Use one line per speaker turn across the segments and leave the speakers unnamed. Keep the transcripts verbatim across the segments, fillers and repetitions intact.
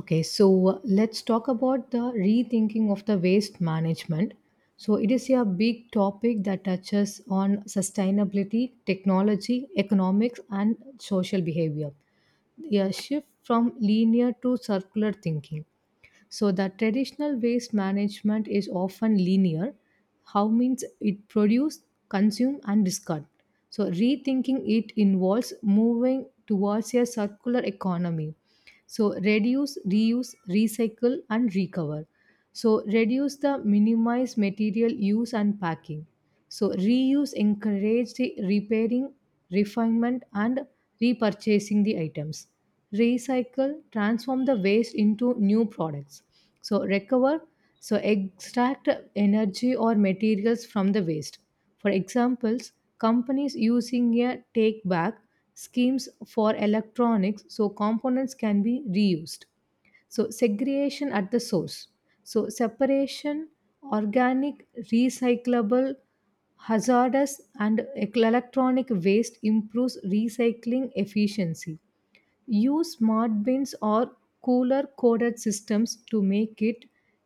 Okay, so uh, let's talk about the rethinking of the waste management. So it is a big topic that touches on sustainability, technology, economics, and social behavior. A shift from linear to circular thinking. So the traditional waste management is often linear. How means it produce, consume, and discard. So rethinking it involves moving towards a circular economy, so reduce, reuse, recycle, and recover. So reduce, the minimize material use and packing. So reuse, encourage the repairing, refinement, and repurchasing the items. Recycle, transform the waste into new products. So recover, so extract energy or materials from the waste. For examples, companies using a take back schemes for electronics so components can be reused. So segregation at the source. So separation, organic, recyclable, hazardous, and ec- electronic waste improves recycling efficiency. Use smart bins or cooler coded systems to make it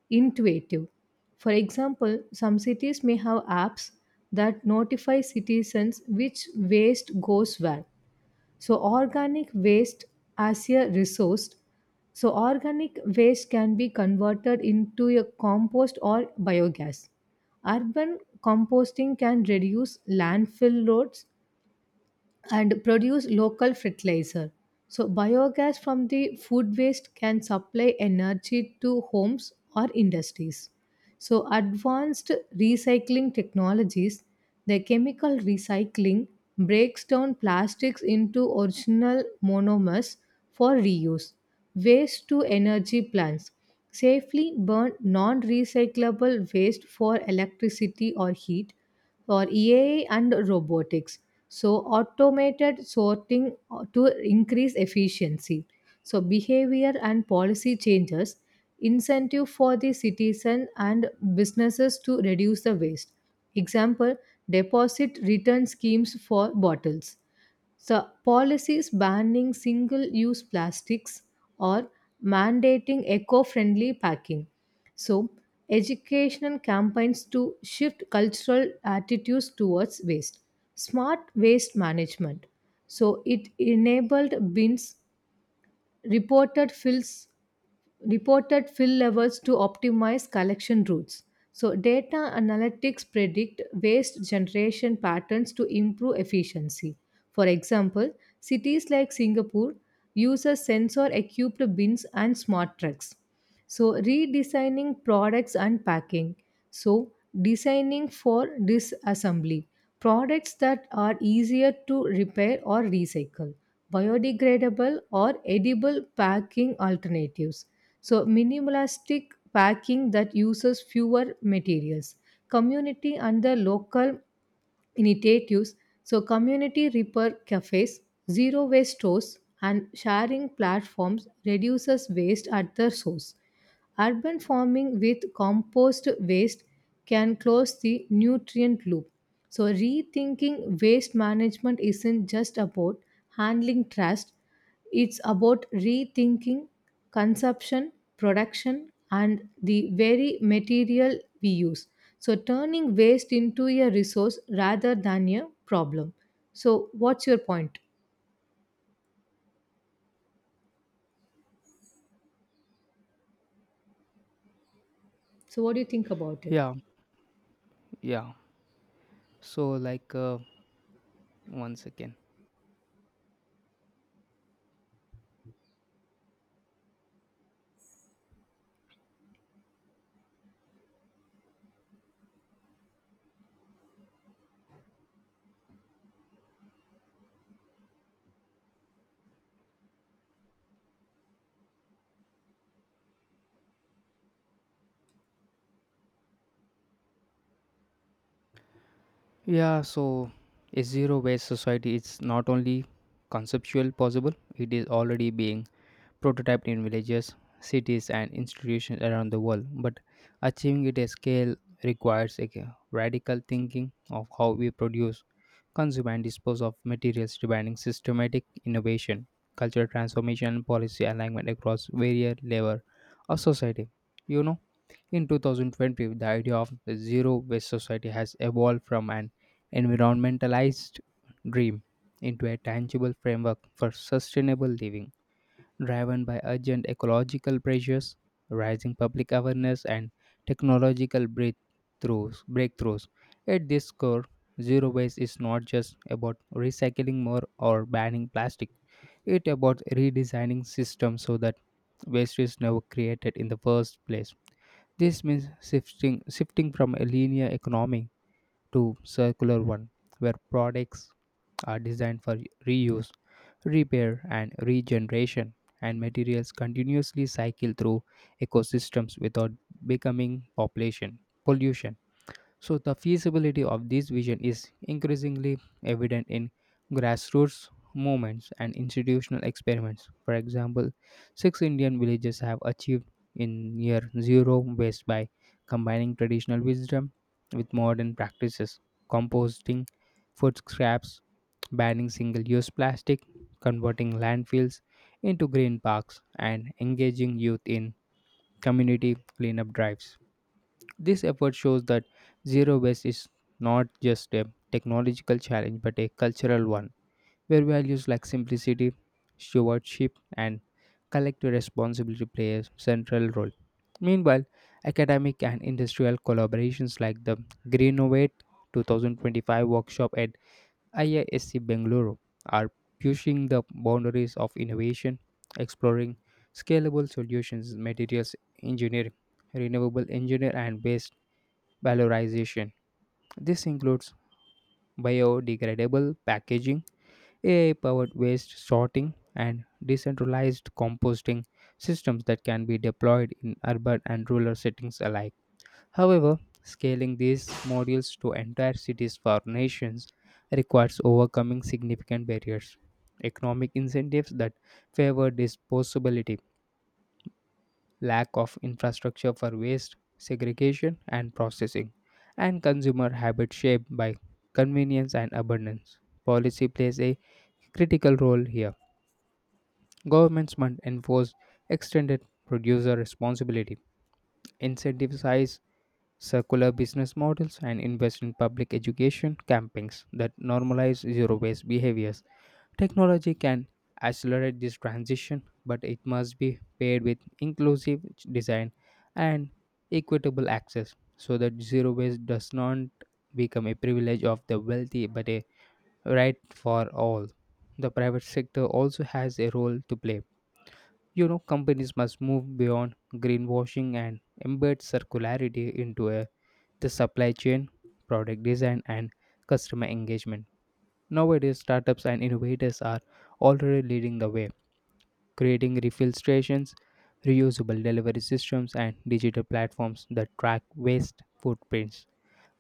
intuitive. For example, some cities may have apps that notify citizens which waste goes where. So, organic waste as a resource. So, organic waste can be converted into a compost or biogas. Urban composting can reduce landfill loads and produce local fertilizer. So, biogas from the food waste can supply energy to homes or industries. So, advanced recycling technologies, the chemical recycling breaks down plastics into original monomers for reuse. Waste to energy plants safely burn non recyclable waste for electricity or heat for E A and robotics. So, automated sorting to increase efficiency. So, behavior and policy changes, incentive for the citizen and businesses to reduce the waste. Example, deposit return schemes for bottles. So, policies banning single use plastics or mandating eco friendly packing. So, educational campaigns to shift cultural attitudes towards waste. Smart waste management. So, it enabled bins, reported fills reported fill levels to optimize collection routes. So, data analytics predict waste generation patterns to improve efficiency. For example, cities like Singapore uses sensor equipped bins and smart trucks, so redesigning products and packing, so designing for disassembly, products that are easier to repair or recycle, biodegradable or edible packing alternatives, so minimalistic packing that uses fewer materials. Community and the local initiatives. So, community repair cafes, zero waste stores, and sharing platforms reduces waste at the source. Urban farming with compost waste can close the nutrient loop. So, rethinking waste management isn't just about handling trash, it's about rethinking consumption, production, and the very material we use. So, turning waste into a resource rather than a problem. So, what's your point? So, what do you think about it?
Yeah, yeah. So like uh, once again. Yeah, so a zero waste society is not only conceptual possible, it is already being prototyped in villages, cities and institutions around the world, but achieving it at scale requires a radical thinking of how we produce, consume and dispose of materials demanding systematic innovation, cultural transformation and policy alignment across various level of society. You know? In two thousand twenty, the idea of the zero waste society has evolved from an environmentalized dream into a tangible framework for sustainable living, driven by urgent ecological pressures, rising public awareness, and technological breakthroughs. breakthroughs. At this core, zero waste is not just about recycling more or banning plastic. It's about redesigning systems so that waste is never created in the first place. This means shifting, shifting from a linear economy to circular one, where products are designed for reuse, repair, and regeneration, and materials continuously cycle through ecosystems without becoming population pollution. So, the feasibility of this vision is increasingly evident in grassroots movements and institutional experiments. For example, six Indian villages have achieved in near zero waste by combining traditional wisdom with modern practices, composting food scraps, banning single use plastic, converting landfills into green parks, and engaging youth in community cleanup drives. This effort shows that zero waste is not just a technological challenge but a cultural one, where values like simplicity, stewardship, and collective responsibility play a central role. Meanwhile, academic and industrial collaborations like the Greenovate twenty twenty-five workshop at I I S C Bengaluru are pushing the boundaries of innovation, exploring scalable solutions, materials engineering, renewable engineer and waste valorization. This includes biodegradable packaging, A I powered waste sorting, and decentralized composting systems that can be deployed in urban and rural settings alike. However, scaling these modules to entire cities for nations requires overcoming significant barriers. Economic incentives that favor disposability, lack of infrastructure for waste segregation and processing, and consumer habits shaped by convenience and abundance. Policy plays a critical role here. Governments must enforce extended producer responsibility, incentivize circular business models, and invest in public education campaigns that normalize zero waste behaviors. Technology can accelerate this transition, but it must be paired with inclusive design and equitable access so that zero waste does not become a privilege of the wealthy but a right for all. The private sector also has a role to play. You know, companies must move beyond greenwashing and embed circularity into a, the supply chain, product design, and customer engagement. Nowadays, startups and innovators are already leading the way, creating refill stations, reusable delivery systems, and digital platforms that track waste footprints.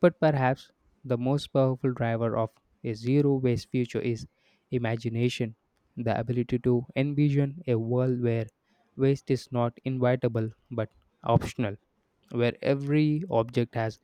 But perhaps the most powerful driver of a zero waste future is imagination, the ability to envision a world where waste is not inevitable but optional, where every object has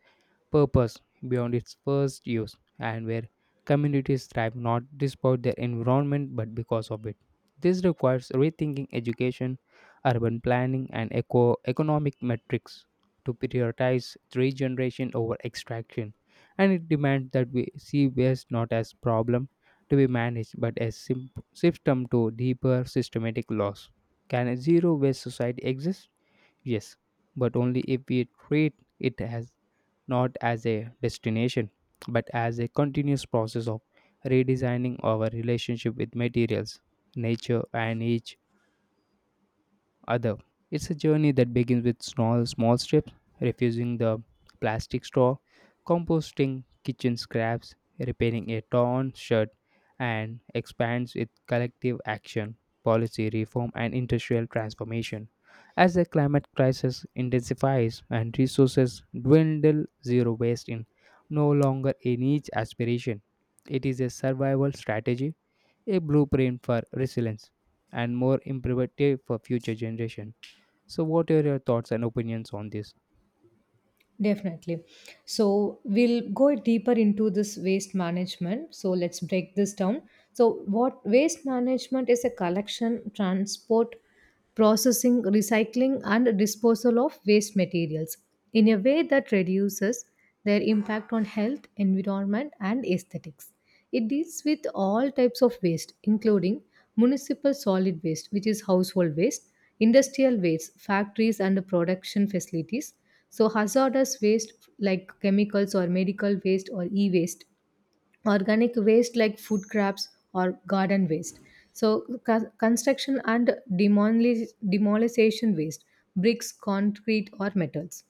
purpose beyond its first use and where communities thrive not despite their environment but because of it. This requires rethinking education, urban planning, and eco- economic metrics to prioritize regeneration over extraction. And it demands that we see waste not as problem to be managed but as sim- system to deeper systematic loss. Can a zero waste society exist? Yes, but only if we treat it as not as a destination, but as a continuous process of redesigning our relationship with materials, nature, and each other. It's a journey that begins with small, small steps, refusing the plastic straw, composting kitchen scraps, repairing a torn shirt, and expands with collective action, policy reform, and industrial transformation. As the climate crisis intensifies and resources dwindle, zero waste is no longer a niche aspiration. It is a survival strategy, a blueprint for resilience and more imperative for future generation. So, what are your thoughts and opinions on this?
Definitely. So we'll go deeper into this waste management. So let's break this down. So what waste management is, a collection, transport, processing, recycling, and disposal of waste materials in a way that reduces their impact on health, environment, and aesthetics. It deals with all types of waste, including municipal solid waste, which is household waste, industrial waste, factories and production facilities, so hazardous waste like chemicals or medical waste or e waste, organic waste like food scraps or garden waste, so co- construction and demoli- demolition waste, bricks, concrete, or metals.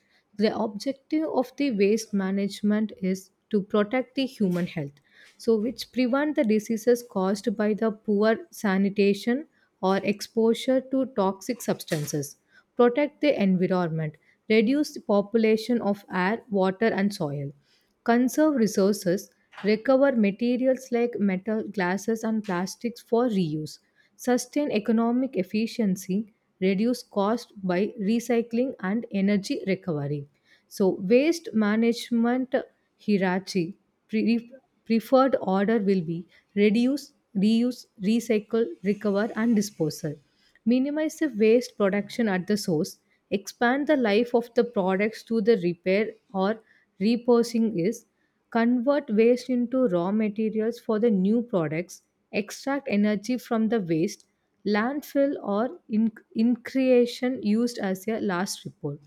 The objective of the waste management is to protect the human health, so which prevent the diseases caused by the poor sanitation or exposure to toxic substances, protect the environment, reduce the population of air, water, and soil. Conserve resources, recover materials like metal, glasses, and plastics for reuse, sustain economic efficiency, reduce cost by recycling and energy recovery. So, waste management hierarchy, pre- preferred order will be reduce, reuse, recycle, recover, and disposal. Minimize the waste production at the source, expand the life of the products through the repair or repurposing, is convert waste into raw materials for the new products, extract energy from the waste, landfill or in, in creation used as a last report.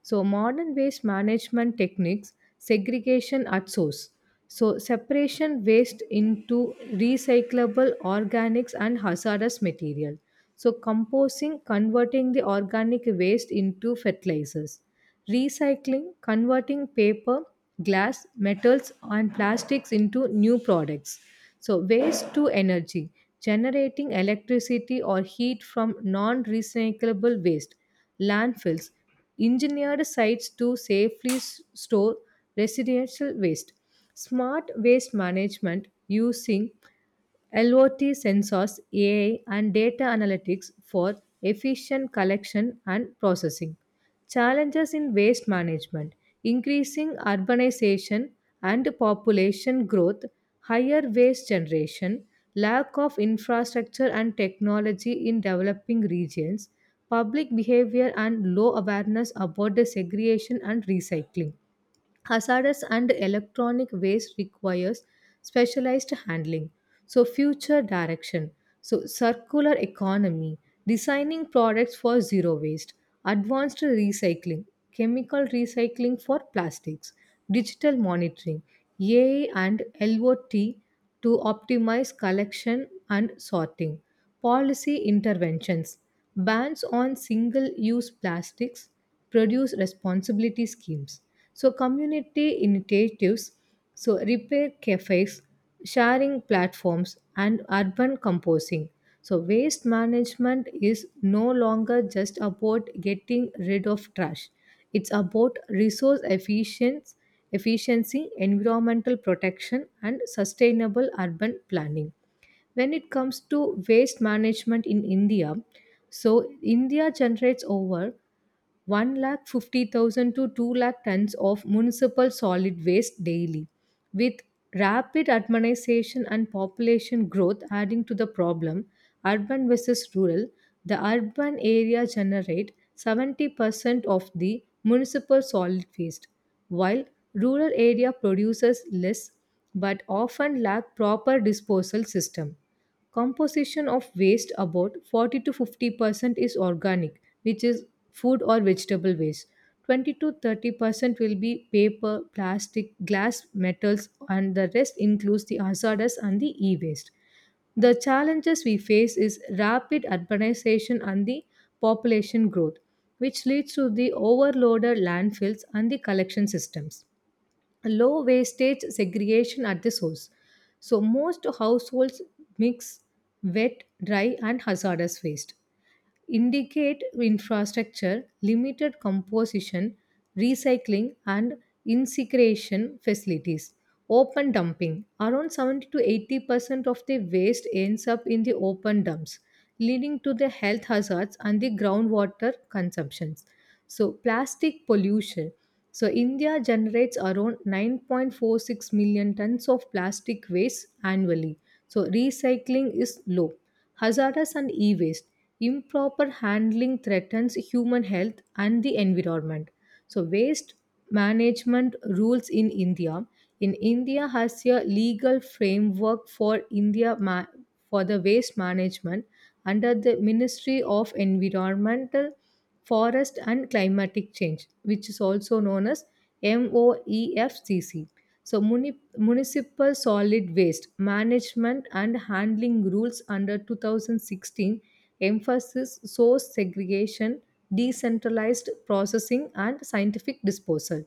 So, modern waste management techniques, segregation at source. So, separation waste into recyclable organics and hazardous material. So, composting, converting the organic waste into fertilizers. Recycling, converting paper, glass, metals, and plastics into new products. So, waste to energy, generating electricity or heat from non recyclable waste. Landfills, engineered sites to safely s- store residential waste. Smart waste management using L O T sensors, A I, and data analytics for efficient collection and processing. Challenges in waste management, increasing urbanization and population growth, higher waste generation, lack of infrastructure and technology in developing regions, public behavior and low awareness about the segregation and recycling, hazardous and electronic waste requires specialized handling. So future direction, so circular economy, designing products for zero waste, advanced recycling, chemical recycling for plastics, digital monitoring, ai and lot to optimize collection and sorting, policy interventions, bans on single use plastics, produce responsibility schemes. So community initiatives, so repair cafes, sharing platforms, and urban composting. So waste management is no longer just about getting rid of trash, it's about resource efficiency efficiency environmental protection, and sustainable urban planning. When it comes to waste management in India, so India generates over one lakh fifty thousand to two lakh tons of municipal solid waste daily, with rapid urbanization and population growth adding to the problem. Urban versus rural, the urban area generate seventy percent of the municipal solid waste, while rural area produces less but often lack proper disposal system. Composition of waste, about forty to fifty percent is organic, which is food or vegetable waste. twenty to thirty percent will be paper, plastic, glass, metals, and the rest includes the hazardous and the e waste. The challenges we face is rapid urbanization and the population growth, which leads to the overloaded landfills and the collection systems, low wastage segregation at the source. So, most households mix wet, dry, and hazardous waste. Indicate infrastructure, limited composition, recycling, and incineration facilities. Open dumping. Around seventy to 80 percent of the waste ends up in the open dumps, leading to the health hazards and the groundwater consumptions. So, plastic pollution. So India generates around nine point four six million tons of plastic waste annually. So recycling is low. Hazardous and e-waste. Improper handling threatens human health and the environment. So, waste management rules in India. In India has a legal framework for India ma- for the waste management under the Ministry of Environmental forest and climatic change, which is also known as MOEFCC. So, muni- municipal solid waste management and handling rules under twenty sixteen emphasis source segregation, decentralized processing, and scientific disposal.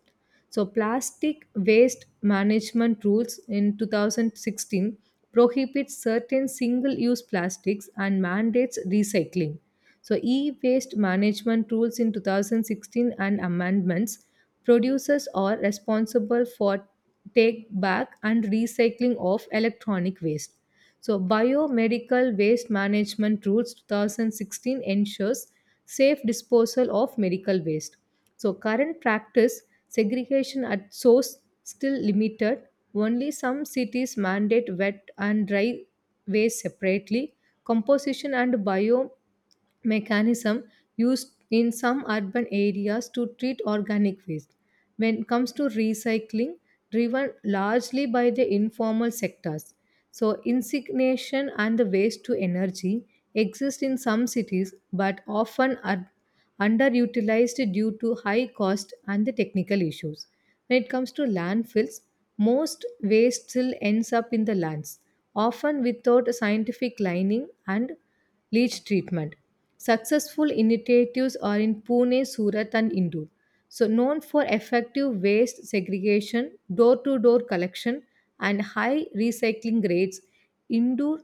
So, plastic waste management rules in two thousand sixteen prohibits certain single use plastics and mandates recycling. So, e waste management rules in two thousand sixteen and amendments, producers are responsible for take back and recycling of electronic waste. So, Biomedical Waste Management Rules twenty sixteen ensures safe disposal of medical waste. So, current practice, segregation at source still limited. Only some cities mandate wet and dry waste separately. Composition and bio mechanism used in some urban areas to treat organic waste. When it comes to recycling, driven largely by the informal sectors. So, incineration and the waste to energy exist in some cities but often are underutilized due to high cost and the technical issues. When it comes to landfills, most waste still ends up in the lands, often without a scientific lining and leach treatment. Successful initiatives are in Pune, Surat, and Indore. So, known for effective waste segregation, door to door collection, and high recycling rates, Indore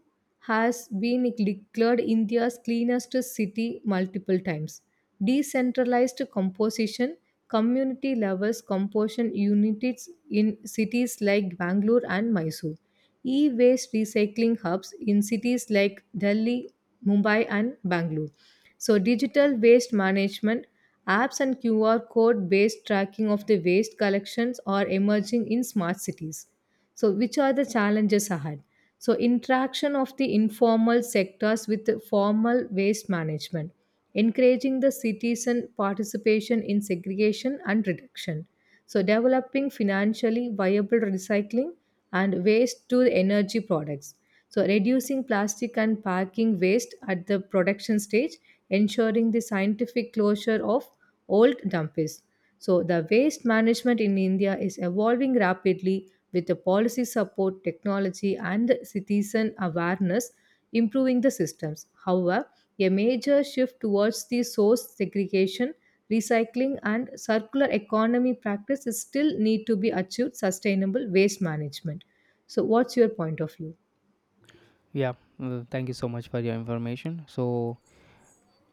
has been declared India's cleanest city multiple times. Decentralized composition, community levels composition units in cities like Bangalore and Mysore. E waste recycling hubs in cities like Delhi, Mumbai, and Bangalore. So, digital waste management apps and Q R code based tracking of the waste collections are emerging in smart cities. So, which are the challenges ahead? So, interaction of the informal sectors with the formal waste management, encouraging the citizen participation in segregation and reduction. So, developing financially viable recycling and waste to energy products. So, reducing plastic and packing waste at the production stage, ensuring the scientific closure of old dumps. So, the waste management in India is evolving rapidly with the policy support, technology, and citizen awareness improving the systems. However, a major shift towards the source segregation, recycling, and circular economy practices still need to be achieved sustainable waste management. So, what's your point of view?
Yeah, well, thank you so much for your information. So,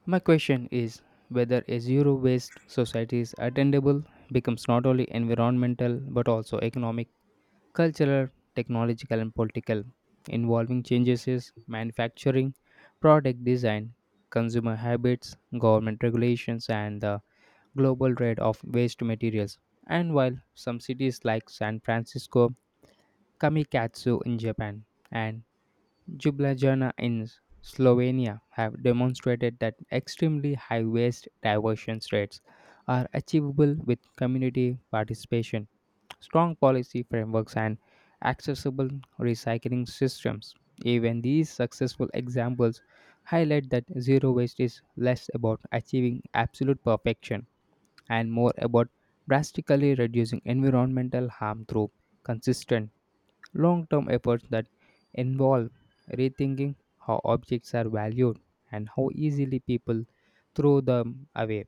my question is whether a zero waste society is attainable becomes not only environmental but also economic, cultural, technological, and political, involving changes in manufacturing, product design, consumer habits, government regulations, and the global trade of waste materials. And while some cities like San Francisco, Kamikatsu in Japan, and Ljubljana in Slovenia have demonstrated that extremely high waste diversion rates are achievable with community participation, strong policy frameworks, and accessible recycling systems. Even these successful examples highlight that zero waste is less about achieving absolute perfection and more about drastically reducing environmental harm through consistent long term efforts that involve rethinking how objects are valued and how easily people throw them away.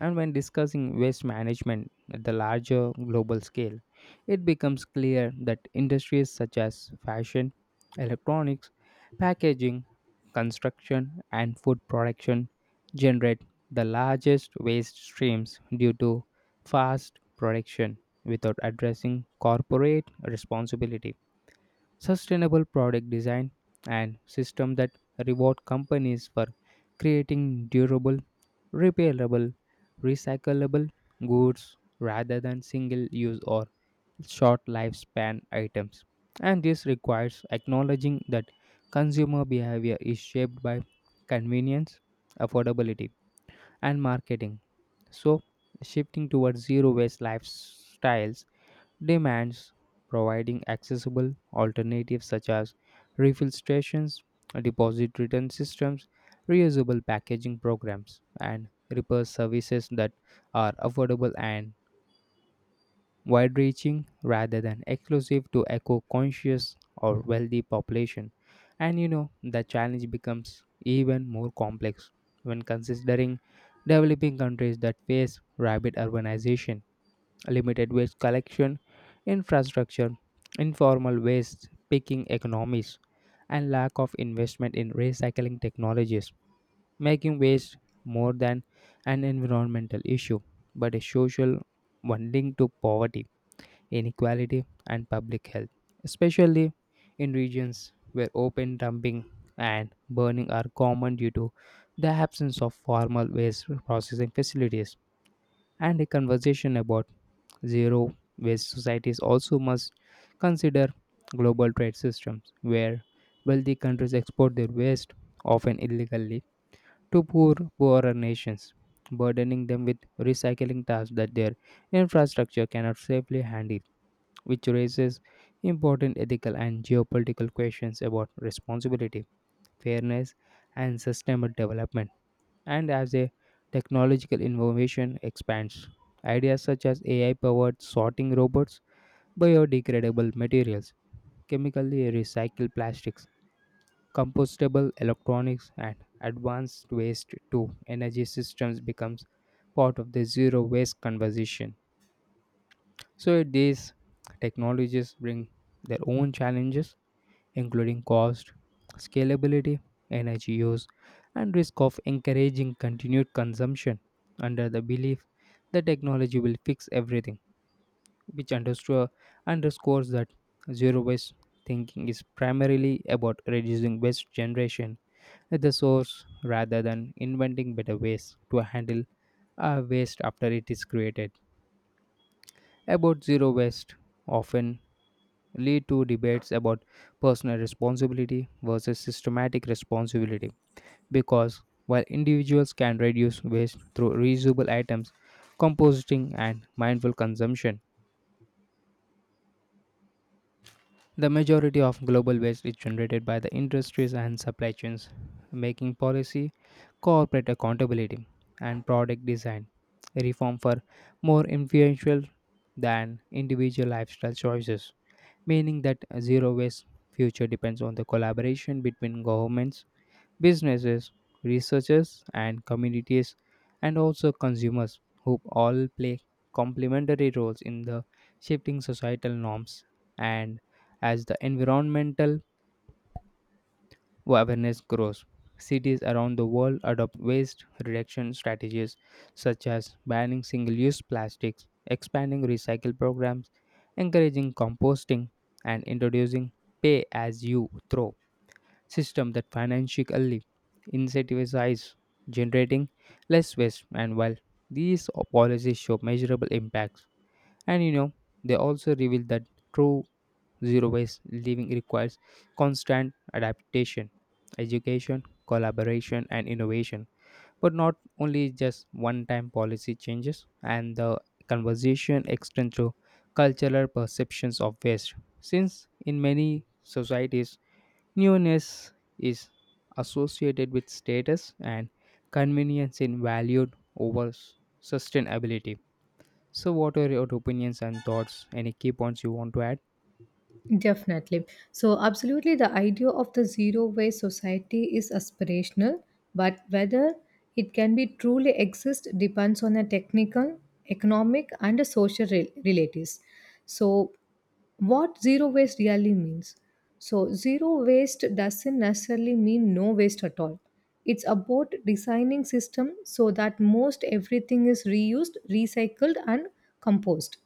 And when discussing waste management at the larger global scale, it becomes clear that industries such as fashion, electronics, packaging, construction, and food production generate the largest waste streams due to fast production without addressing corporate responsibility. Sustainable product design and system that reward companies for creating durable repairable, recyclable goods rather than single use or short lifespan items. And this requires acknowledging that consumer behavior is shaped by convenience, affordability, and marketing. So, shifting towards zero waste lifestyles demands providing accessible alternatives such as refill stations, deposit return systems, reusable packaging programs, and repair services that are affordable and wide reaching rather than exclusive to eco conscious or wealthy population. And you know, the challenge becomes even more complex when considering developing countries that face rapid urbanization, limited waste collection infrastructure, informal waste picking economies, and lack of investment in recycling technologies, making waste more than an environmental issue but a social one linked to poverty, inequality, and public health, especially in regions where open dumping and burning are common due to the absence of formal waste processing facilities. And a conversation about zero waste societies also must consider global trade systems where wealthy countries export their waste, often illegally, to poor poorer nations, burdening them with recycling tasks that their infrastructure cannot safely handle, which raises important ethical and geopolitical questions about responsibility, fairness, and sustainable development. And as a technological innovation expands, ideas such as A I powered sorting robots, biodegradable materials, chemically recycled plastics, compostable electronics, and advanced waste to energy systems becomes part of the zero waste conversation. So these technologies bring their own challenges, including cost, scalability, energy use, and risk of encouraging continued consumption under the belief the technology will fix everything, which underscore, underscores that zero waste thinking is primarily about reducing waste generation at the source rather than inventing better ways to handle our waste after it is created. About zero waste often lead to debates about personal responsibility versus systematic responsibility because while individuals can reduce waste through reusable items, composting and mindful consumption, the majority of global waste is generated by the industries and supply chains, making policy, corporate accountability, and product design reform for more influential than individual lifestyle choices, meaning that a zero waste future depends on the collaboration between governments, businesses, researchers, and communities, and also consumers, who all play complementary roles in the shifting societal norms. And as the environmental awareness grows, cities around the world adopt waste reduction strategies such as banning single use plastics, expanding recycle programs, encouraging composting, and introducing pay as you throw system that financially incentivizes generating less waste. And while these policies show measurable impacts, and you know they also reveal that true zero waste living requires constant adaptation, education, collaboration and innovation, but not only just one time policy changes. And the conversation extends to cultural perceptions of waste, since in many societies newness is associated with status and convenience in valued over s- sustainability. So, what are your opinions and thoughts? Any key points you want to add?
Definitely. So, absolutely, the idea of the zero waste society is aspirational, but whether it can be truly exist depends on the technical, economic, and the social re- relatives. So, what zero waste really means. So, zero waste doesn't necessarily mean no waste at all. It's about designing system so that most everything is reused, recycled, and composed.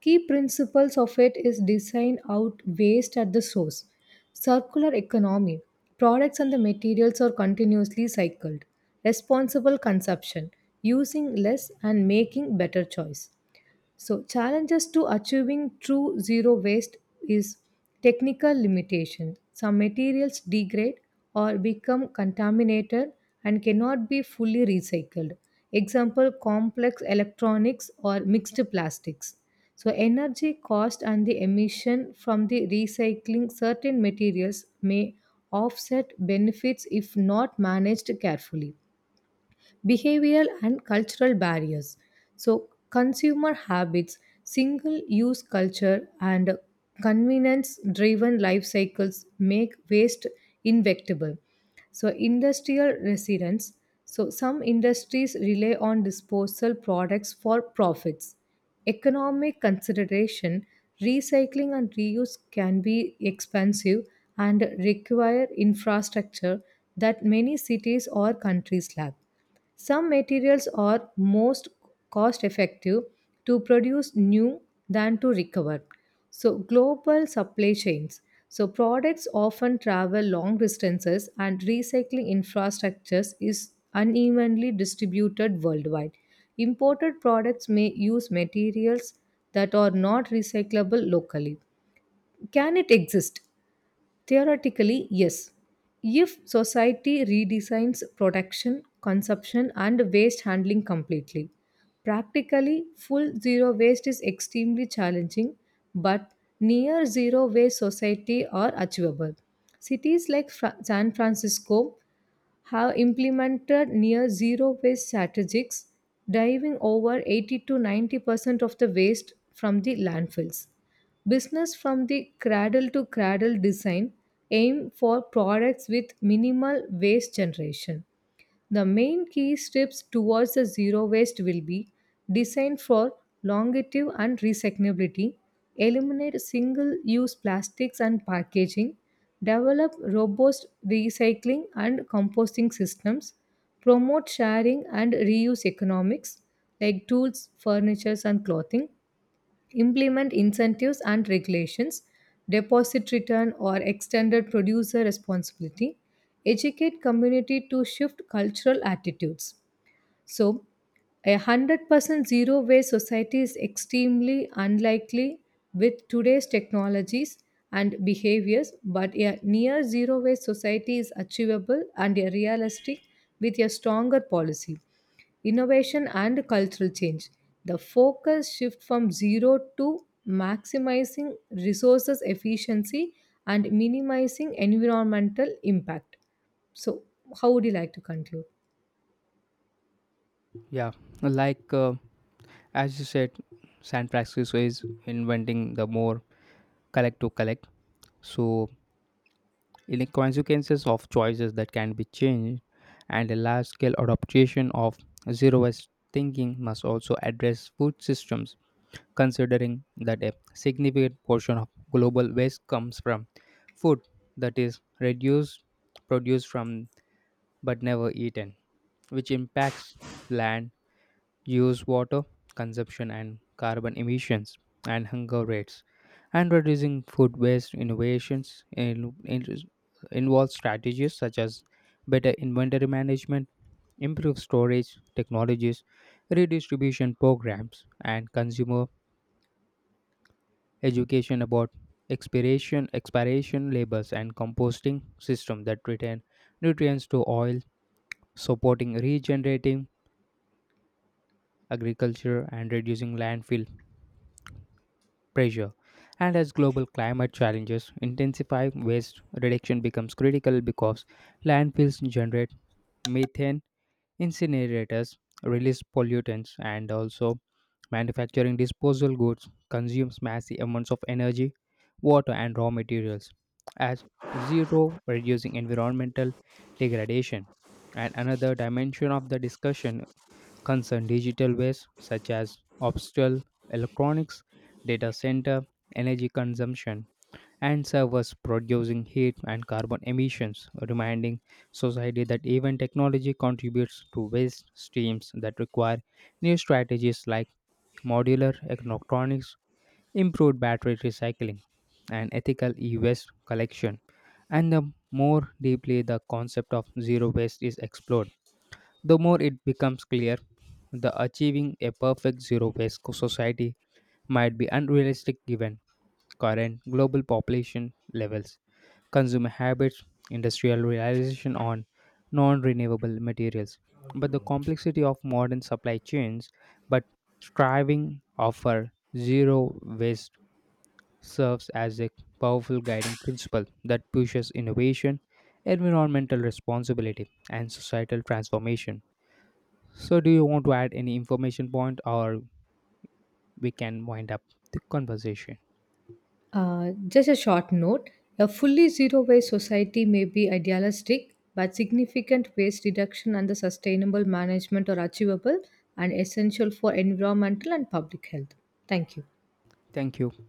Key principles of it is design out waste at the source. Circular economy. Products and the materials are continuously cycled. Responsible consumption. Using less and making better choice. So, challenges to achieving true zero waste is technical limitations. Some materials degrade or become contaminated and cannot be fully recycled. Example, complex electronics or mixed plastics. So, energy cost and the emission from the recycling certain materials may offset benefits if not managed carefully, behavioral and cultural barriers. So, consumer habits, single use culture, and convenience driven life cycles make waste inevitable. So, industrial resilience. So, some industries rely on disposal products for profits. Economic consideration, recycling and reuse can be expensive and require infrastructure that many cities or countries lack. Some materials are most cost effective to produce new than to recover. So, global supply chains. So, products often travel long distances, and recycling infrastructures is unevenly distributed worldwide. Imported products may use materials that are not recyclable locally. Can it exist? Theoretically, yes. If society redesigns production, consumption, and waste handling completely, practically full zero waste is extremely challenging, but near zero waste society are achievable. Cities like Fra- San Francisco have implemented near zero waste strategies, diving over eighty to 90 percent of the waste from the landfills. Business from the cradle to cradle design aim for products with minimal waste generation. The main key steps towards the zero waste will be designed for longevity and recyclability, eliminate single use plastics and packaging, develop robust recycling and composting systems, promote sharing and reuse economics like tools, furniture, and clothing, implement incentives and regulations, deposit return or extended producer responsibility, educate community to shift cultural attitudes. So, a one hundred percent zero waste society is extremely unlikely with today's technologies and behaviors, but a near zero waste society is achievable and a realistic with a stronger policy innovation and cultural change. The focus shift from zero to maximizing resources efficiency and minimizing environmental impact. So, how would you like to conclude?
Yeah, like uh, as you said, San Francisco is inventing the more collect to collect. So, in the consequences of choices that can be changed, and a large scale adaptation of zero waste thinking must also address food systems considering that a significant portion of global waste comes from food that is reduced, produced from, but never eaten, which impacts land use, water consumption, and carbon emissions and hunger rates. And reducing food waste innovations in, in, involves strategies such as better inventory management, improved storage technologies, redistribution programs, and consumer education about expiration, expiration labels and composting system that return nutrients to soil, supporting regenerating agriculture and reducing landfill pressure. And as global climate challenges intensify, waste reduction becomes critical because landfills generate methane, incinerators release pollutants, and also manufacturing disposable goods consumes massive amounts of energy, water, and raw materials, as zero reducing environmental degradation. And another dimension of the discussion concerns digital waste, such as obstacle electronics, data center, energy consumption, and servers producing heat and carbon emissions, reminding society that even technology contributes to waste streams that require new strategies like modular electronics, improved battery recycling, and ethical e waste collection. And the more deeply the concept of zero waste is explored, the more it becomes clear the achieving a perfect zero waste co- society might be unrealistic given current global population levels, consumer habits, industrial realization on non renewable materials. But the complexity of modern supply chains, but striving offer zero waste serves as a powerful guiding principle that pushes innovation, environmental responsibility, and societal transformation. So, do you want to add any information point, or we can wind up the conversation?
Uh, just a short note, a fully zero waste society may be idealistic, but significant waste reduction and the sustainable management are achievable and essential for environmental and public health. Thank you.
Thank you.